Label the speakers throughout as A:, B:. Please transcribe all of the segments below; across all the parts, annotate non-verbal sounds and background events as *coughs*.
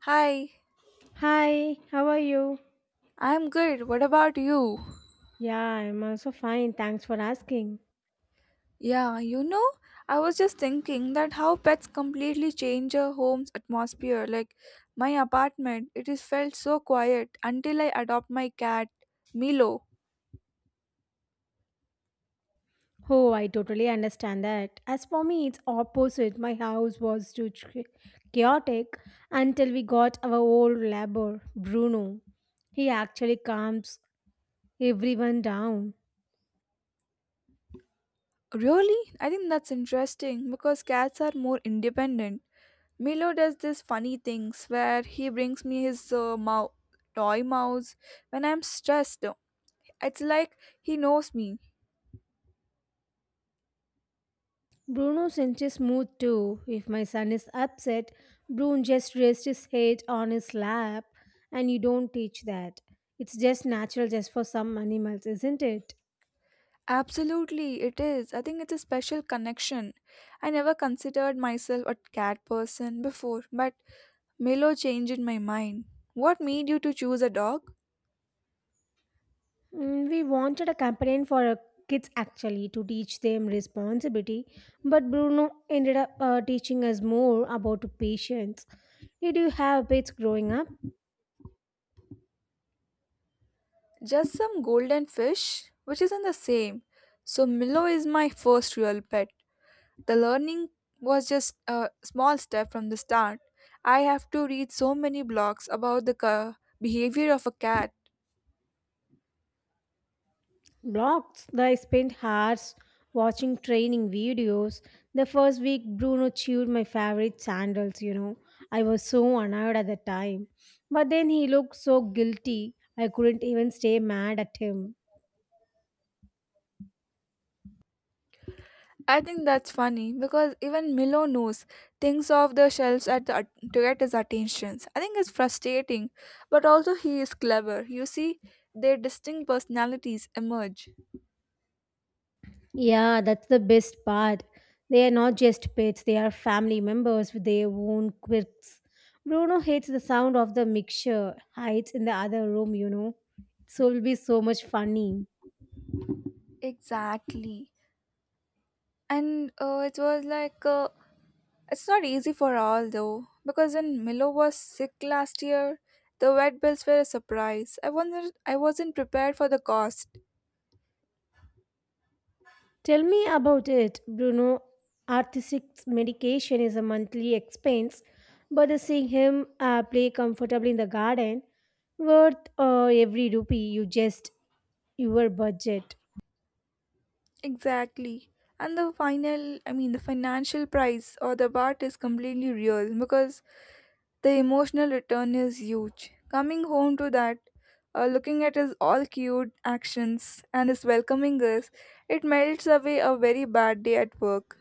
A: Hi,
B: Hi, how are you?
A: I'm good. What about you?
B: Yeah, I'm also fine. Thanks for asking.
A: Yeah, I was just thinking that how pets completely change a home's atmosphere. Like my apartment, it is felt so quiet until I adopt my cat, Milo.
B: Oh, I totally understand that. As for me, it's opposite. My house was chaotic until we got our old labor, Bruno. He actually calms everyone down.
A: Really? I think that's interesting because cats are more independent. Milo does this funny things where he brings me his toy mouse when I'm stressed. It's like he knows me.
B: Bruno senses mood too. If my son is upset, Bruno just rests his head on his lap, and you don't teach that. It's just natural just for some animals, isn't it?
A: Absolutely, it is. I think it's a special connection. I never considered myself a cat person before, but Milo changed my mind. What made you to choose a dog?
B: We wanted a campaign for our kids actually to teach them responsibility, but Bruno ended up teaching us more about patience. Did you have pets growing up?
A: Just some golden fish, which isn't the same. So Milo is my first real pet. The learning was just a small step from the start. I have to read so many blogs about the behavior of a cat.
B: Blocks. I spent hours watching training videos. The first week, Bruno chewed my favorite sandals. I was so annoyed at the time. But then he looked so guilty, I couldn't even stay mad at him.
A: I think that's funny because even Milo knows things off the shelves at the, to get his attentions. I think it's frustrating, but also he is clever. You see, their distinct personalities emerge.
B: Yeah, that's the best part. They are not just pets, they are family members with their own quirks. Bruno hates the sound of the mixture, hides in the other room. So it'll be so much funny.
A: Exactly, and it was like it's not easy for all though because when Milo was sick last year, the vet bills were a surprise. I wasn't prepared for the cost.
B: Tell me about it, Bruno. Artistic medication is a monthly expense, but seeing him play comfortably in the garden, worth every rupee you just your budget.
A: Exactly. And the final, I mean, the financial price or the part is completely real because the emotional return is huge. Coming home to that, looking at his all cute actions and his welcoming us, it melts away a very bad day at work.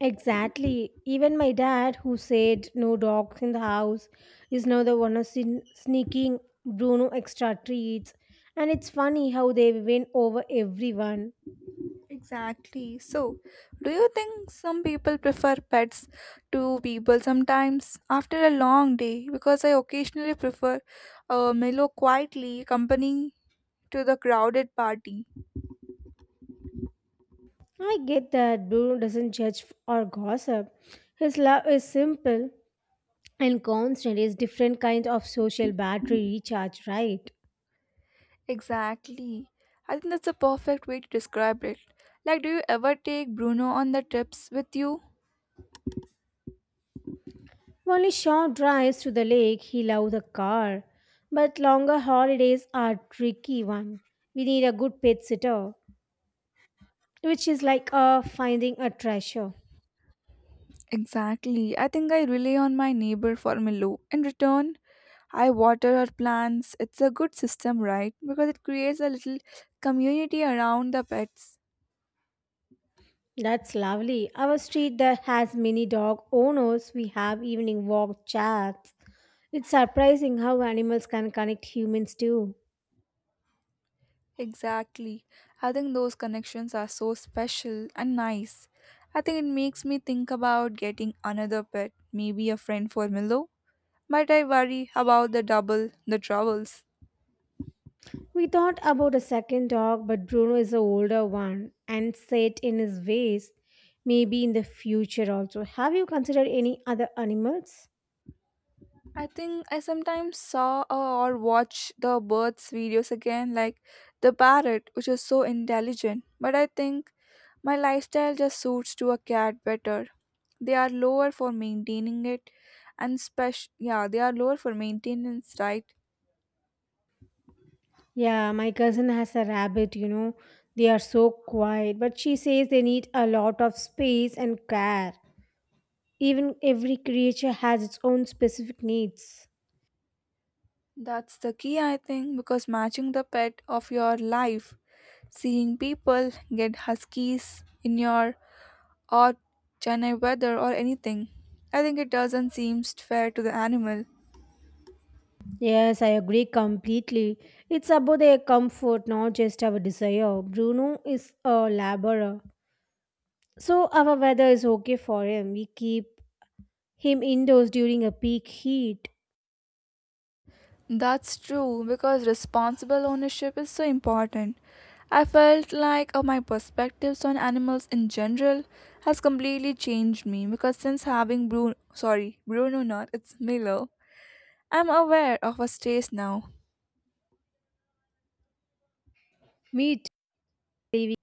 B: Exactly. Even my dad, who said no dogs in the house, is now the one who's sneaking Bruno extra treats. And it's funny how they win over everyone.
A: Exactly. So, do you think some people prefer pets to people sometimes after a long day? Because I occasionally prefer a mellow, quietly company to the crowded party.
B: I get that Bruno doesn't judge or gossip. His love is simple and constant. Is different kind of social battery recharge, right?
A: Exactly. I think that's a perfect way to describe it. Like, do you ever take Bruno on the trips with you?
B: Only short drives to the lake, he loves a car. But longer holidays are tricky one. We need a good pet sitter, which is like finding a treasure.
A: Exactly. I think I rely on my neighbor for Milo. In return, I water her plants. It's a good system, right? Because it creates a little community around the pets.
B: That's lovely. Our street that has many dog owners. We have evening walk chats. It's surprising how animals can connect humans too.
A: Exactly. I think those connections are so special and nice. I think it makes me think about getting another pet, maybe a friend for Milo, but I worry about the double, the troubles.
B: We thought about a second dog, but Bruno is the older one and set in his ways. Maybe in the future also. Have you considered any other animals?
A: I think I sometimes saw or watch the birds' videos again, like the parrot, which is so intelligent. But I think my lifestyle just suits to a cat better. They are lower for maintaining it, and special, yeah, they are lower for maintenance, right?
B: Yeah, my cousin has a rabbit. They are so quiet, but she says they need a lot of space and care. Even every creature has its own specific needs.
A: That's the key, I think, because matching the pet of your life, seeing people get huskies in your or Chennai weather or anything. I think it doesn't seem fair to the animal.
B: Yes, I agree completely. It's about their comfort, not just our desire. Bruno is a laborer, so our weather is okay for him. We keep him indoors during a peak heat.
A: That's true because responsible ownership is so important. I felt like my perspectives on animals in general has completely changed me because since having Bruno, sorry, Bruno not, it's Milo, I'm aware of his taste now.
B: Me too. We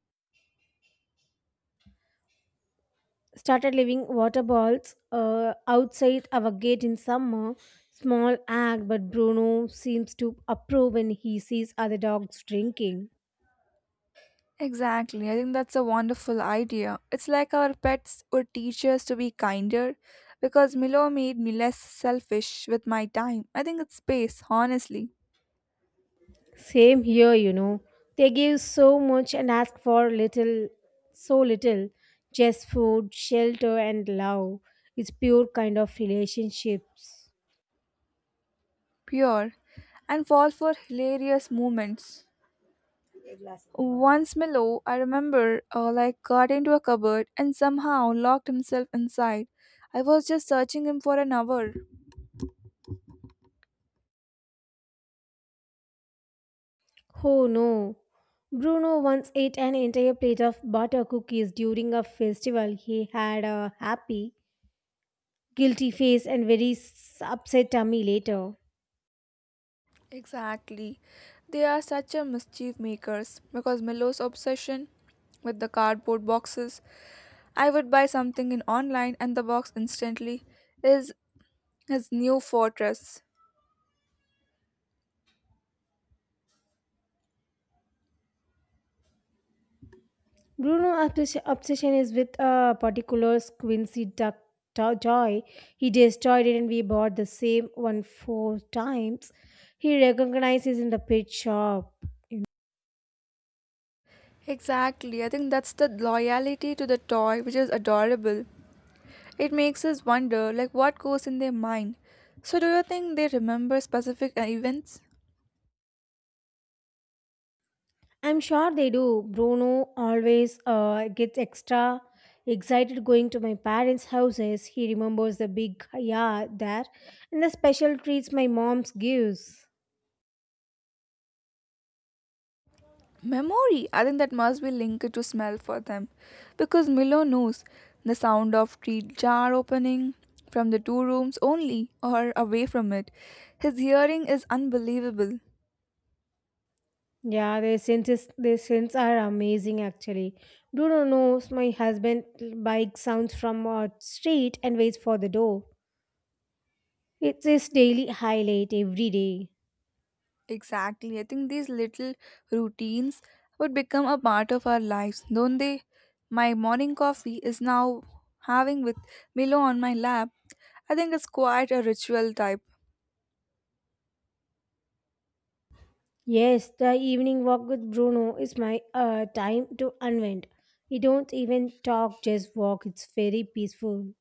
B: started leaving water balls outside our gate in summer. Small act, but Bruno seems to approve when he sees other dogs drinking.
A: Exactly. I think that's a wonderful idea. It's like our pets would teach us to be kinder because Milo made me less selfish with my time. I think it's space, honestly,
B: Same here. They give so much and ask for little, so little. Just food, shelter, and love. It's pure kind of relationships.
A: pure, and fall for hilarious moments. Once Milo, I remember, like got into a cupboard and somehow locked himself inside. I was just searching him for an hour.
B: Oh no. Bruno once ate an entire plate of butter cookies during a festival. He had a happy, guilty face and very upset tummy later.
A: Exactly. They are such a mischief makers because Milo's obsession with the cardboard boxes. I would buy something in online and the box instantly is his new fortress.
B: Bruno's obsession is with a particular Quincy duck toy. He destroyed it and we bought the same one four times. He recognizes in the pet shop.
A: Exactly. I think that's the loyalty to the toy which is adorable. It makes us wonder like what goes in their mind. So do you think they remember specific events?
B: I'm sure they do. Bruno always gets extra excited going to my parents' houses. He remembers the big yard there and the special treats my mom's gives.
A: Memory. I think that must be linked to smell for them because Milo knows the sound of tree jar opening from the two rooms only or away from it. His hearing is unbelievable.
B: Yeah, their senses, their scents are amazing actually. Bruno knows my husband bike sounds from our street and waits for the door. It's his daily highlight every day.
A: Exactly. I think these little routines would become a part of our lives, don't they? My morning coffee is now having with Milo on my lap. I think it's quite a ritual type.
B: Yes, the evening walk with Bruno is my time to unwind. We don't even talk, just walk. It's very peaceful.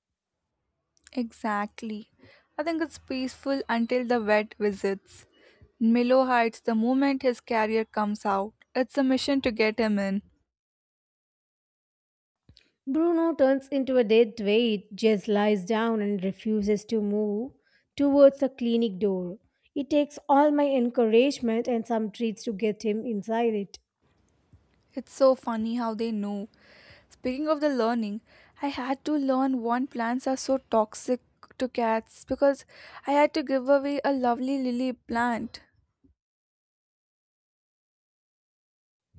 A: Exactly. I think it's peaceful until the vet visits. Milo hides the moment his carrier comes out. It's a mission to get him in.
B: Bruno turns into a dead weight, just lies down and refuses to move towards the clinic door. It takes all my encouragement and some treats to get him inside it.
A: It's so funny how they know. Speaking of the learning, I had to learn one plants are so toxic to cats because I had to give away a lovely lily plant.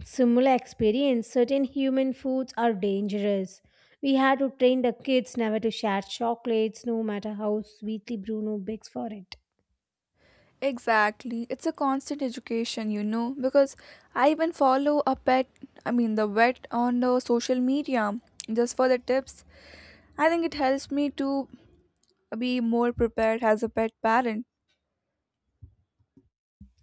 B: Similar experience, certain human foods are dangerous. We had to train the kids never to share chocolates, no matter how sweetly Bruno begs for it.
A: Exactly. It's a constant education, because I even follow a pet, I mean the vet on the social media just for the tips. I think it helps me to be more prepared as a pet parent.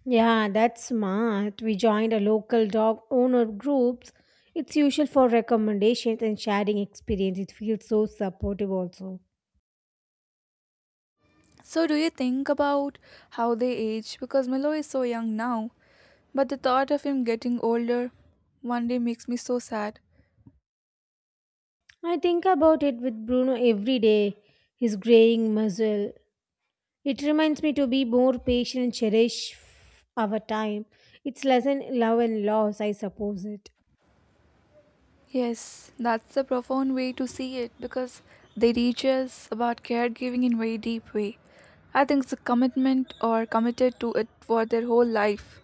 B: Yeah, that's smart. We joined a local dog owner groups. It's usual for recommendations and sharing experience. It feels so supportive also.
A: So do you think about how they age because Milo is so young now? But the thought of him getting older one day makes me so sad.
B: I think about it with Bruno every day, his graying muzzle. It reminds me to be more patient and cherish our time. It's lesson love and loss, I suppose it.
A: Yes, that's a profound way to see it because they teach us about caregiving in very deep way. I think it's a commitment or committed to it for their whole life.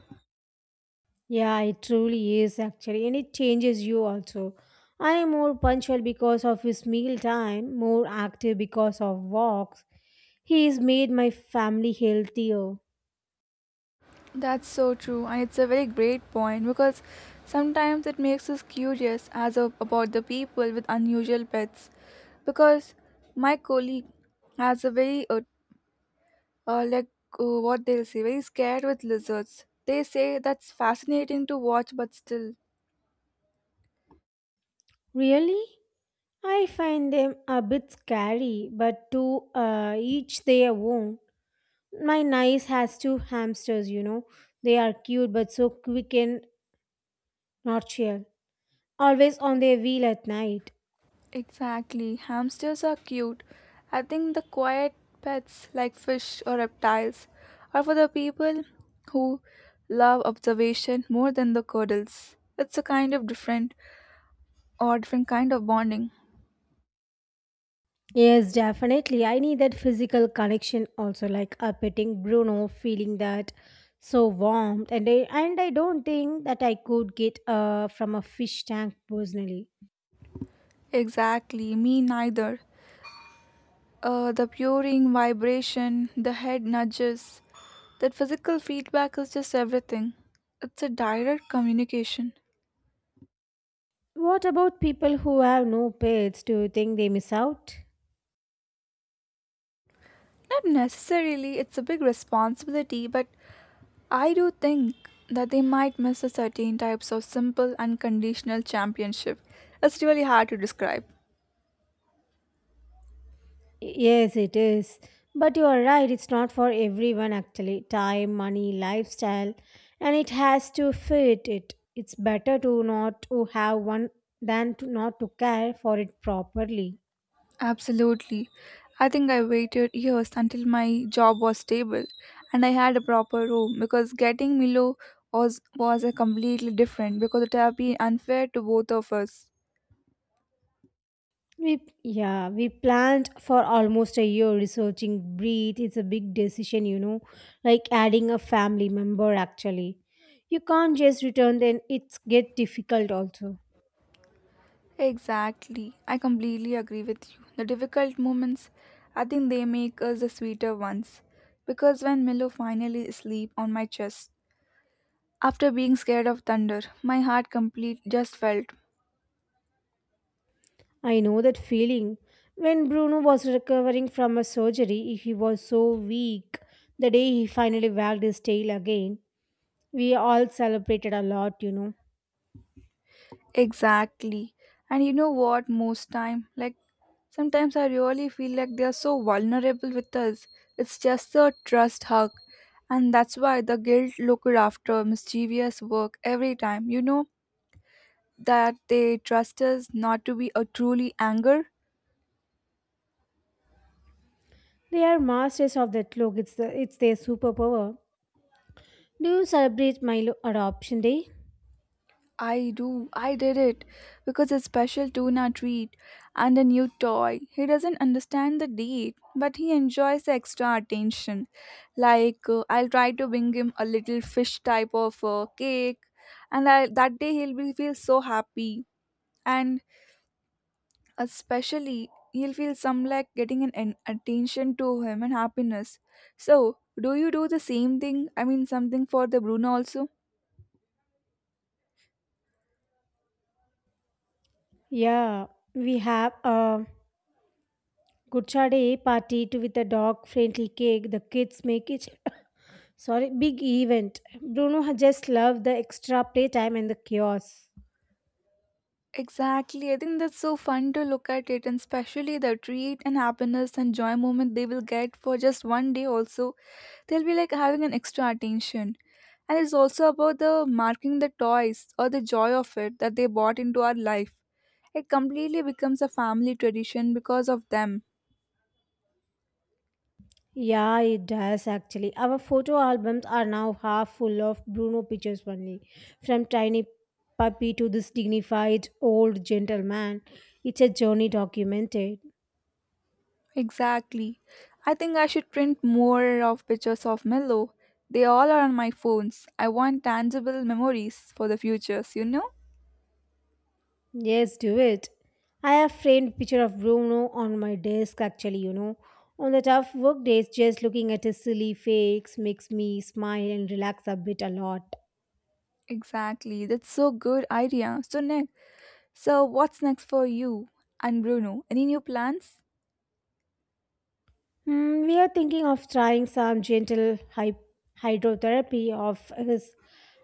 B: Yeah, it truly is actually, and it changes you also. I am more punctual because of his meal time, more active because of walks. He has made my family healthier.
A: That's so true, and it's a very great point because sometimes it makes us curious as of about the people with unusual pets. Because my colleague has a very like what they'll say, very scared with lizards. They say that's fascinating to watch, but still.
B: Really? I find them a bit scary, but to each their own. My niece has two hamsters. They are cute but so quick and nocturnal, always on
A: E-
B: their wheel at night.
A: Exactly. Hamsters are cute. I think the quiet pets like fish or reptiles are for the people who love observation more than the cuddles. It's a kind of different or different kind of bonding.
B: Yes, definitely. I need that physical connection also, like petting Bruno, feeling that so warmed, and I don't think that I could get from a fish tank personally.
A: Exactly. Me neither. The purring vibration, the head nudges, that physical feedback is just everything. It's a direct communication.
B: What about people who have no pets? Do you think they miss out?
A: Not necessarily it's a big responsibility, but I do think that they might miss a certain types of simple unconditional championship. It's really hard to describe.
B: Yes, it is. But you are right, it's not for everyone actually. Time, money, lifestyle, and it has to fit it. It's better to not to have one than to not to care for it properly.
A: Absolutely. I think I waited years until my job was stable and I had a proper room because getting Milo was a completely different because it would have been unfair to both of us.
B: We yeah, we planned for almost a year researching breed. It's a big decision, you know, like adding a family member actually. You can't just return then it's get difficult also.
A: Exactly. I completely agree with you. The difficult moments, I think they make us the sweeter ones. Because when Milo finally sleep on my chest, after being scared of thunder, my heart complete just felt
B: I know that feeling. When Bruno was recovering from a surgery, he was so weak. The day he finally wagged his tail again, we all celebrated a lot.
A: exactly. And you know what? Most time, like sometimes I really feel like they are so vulnerable with us. It's just a trust hug, and that's why the guild looked after mischievous work every time. You know, that they trust us not to be a truly anger?
B: They are masters of that look. It's their superpower. Do you celebrate Milo adoption day?
A: I do. I did it because a special tuna treat and a new toy. He doesn't understand the date, but he enjoys the extra attention. Like I'll try to bring him a little fish type of cake, and I, that day he'll be feel so happy. And especially he'll feel some like getting an attention to him and happiness. So do you do the same thing? I mean something for the Bruno also?
B: Yeah, we have a Guchade party to with the dog friendly cake. The kids make it *laughs* *coughs* sorry big event. Just loved the extra playtime and the chaos.
A: Exactly. I think that's so fun to look at it, and especially the treat and happiness and joy moment they will get for just one day, also. They'll be like having an extra attention. And it's also about the marking the toys or the joy of it that they brought into our life. It completely becomes a family tradition because of them.
B: Yeah, it does actually. Our photo albums are now half full of Bruno pictures only. From tiny puppy to this dignified old gentleman, it's a journey documented.
A: Exactly. I think I should print more of pictures of Milo. They all are on my phones. I want tangible memories for the futures, you know?
B: Yes, do it. I have framed picture of Bruno on my desk actually, you know. On the tough work days, just looking at his silly fakes makes me smile and relax a bit a lot.
A: Exactly. That's so good idea. So next, so what's next for you and Bruno? Any new plans?
B: We are thinking of trying some gentle hydrotherapy of his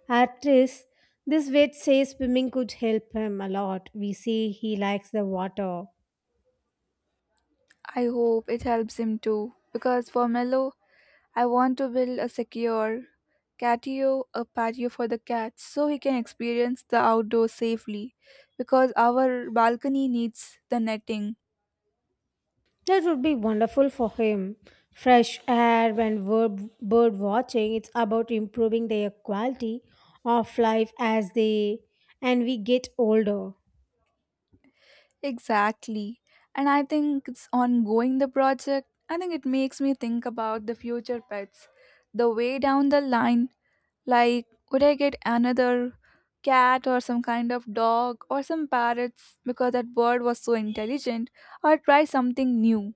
B: artist. This vet says swimming could help him a lot. We see he likes the water.
A: I hope it helps him too because for Mello, I want to build a secure catio, a patio for the cats so he can experience the outdoors safely because our balcony needs the netting.
B: That would be wonderful for him. Fresh air and bird watching, it's about improving their quality of life as they and we get older.
A: Exactly. And I think it's ongoing the project. I think it makes me think about the future pets. The way down the line, like, would I get another cat or some kind of dog or some parrots because that bird was so intelligent, or try something new?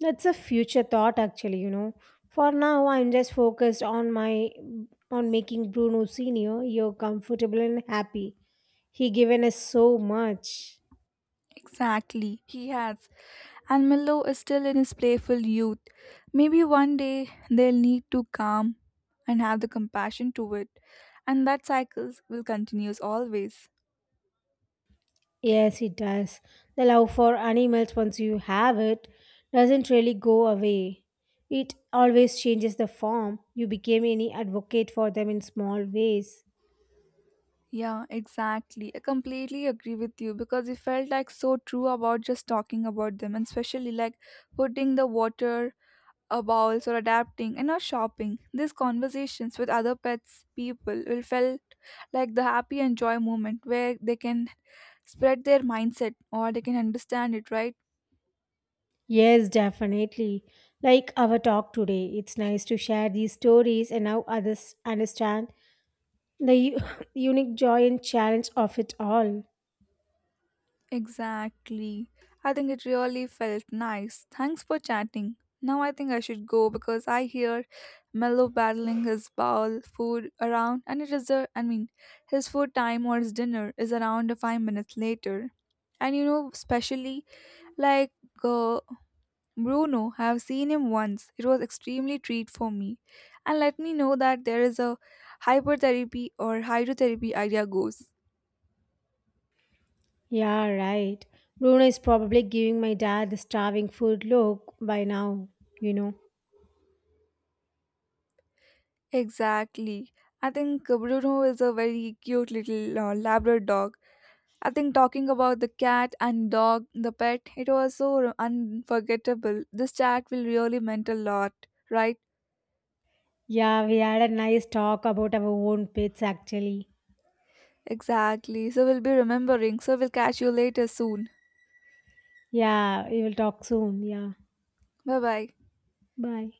B: That's a future thought actually, you know. For now I'm just focused on making Bruno senior you're comfortable and happy. He given us so much.
A: Exactly, he has. And Milo is still in his playful youth. Maybe one day they'll need to calm and have the compassion to it, and that cycle will continue always.
B: Yes, it does. The love for animals, once you have it, doesn't really go away. It always changes the form. You became any advocate for them in small ways.
A: Yeah, exactly. I completely agree with you because it felt like so true about just talking about them, and especially like putting the water a bowls or adapting and are shopping. These conversations with other pets people will felt like the happy and joy moment where they can spread their mindset or they can understand it, right?
B: Yes, definitely. Like our talk today, it's nice to share these stories and how others understand the u- *laughs* unique joy and challenge of it all.
A: Exactly. I think it really felt nice. Thanks for chatting. Now I think I should go because I hear Mello battling his bowl food around and it is a I mean his food time or his dinner is around 5 minutes later. And you know, especially like uh, Bruno, have seen him once. It was extremely treat for me. And let me know that there is a hypertherapy or hydrotherapy idea goes.
B: Yeah, right. Bruno is probably giving my dad the starving food look by now, you know.
A: Exactly. I think Bruno is a very cute little Labrador dog. I think talking about the cat and dog, the pet, it was so unforgettable. This chat will really meant a lot, right?
B: Yeah, we had a nice talk about our own pets actually.
A: Exactly. So we'll be remembering. So we'll catch you later soon.
B: Yeah, we will talk soon. Yeah,
A: Bye bye.
B: bye.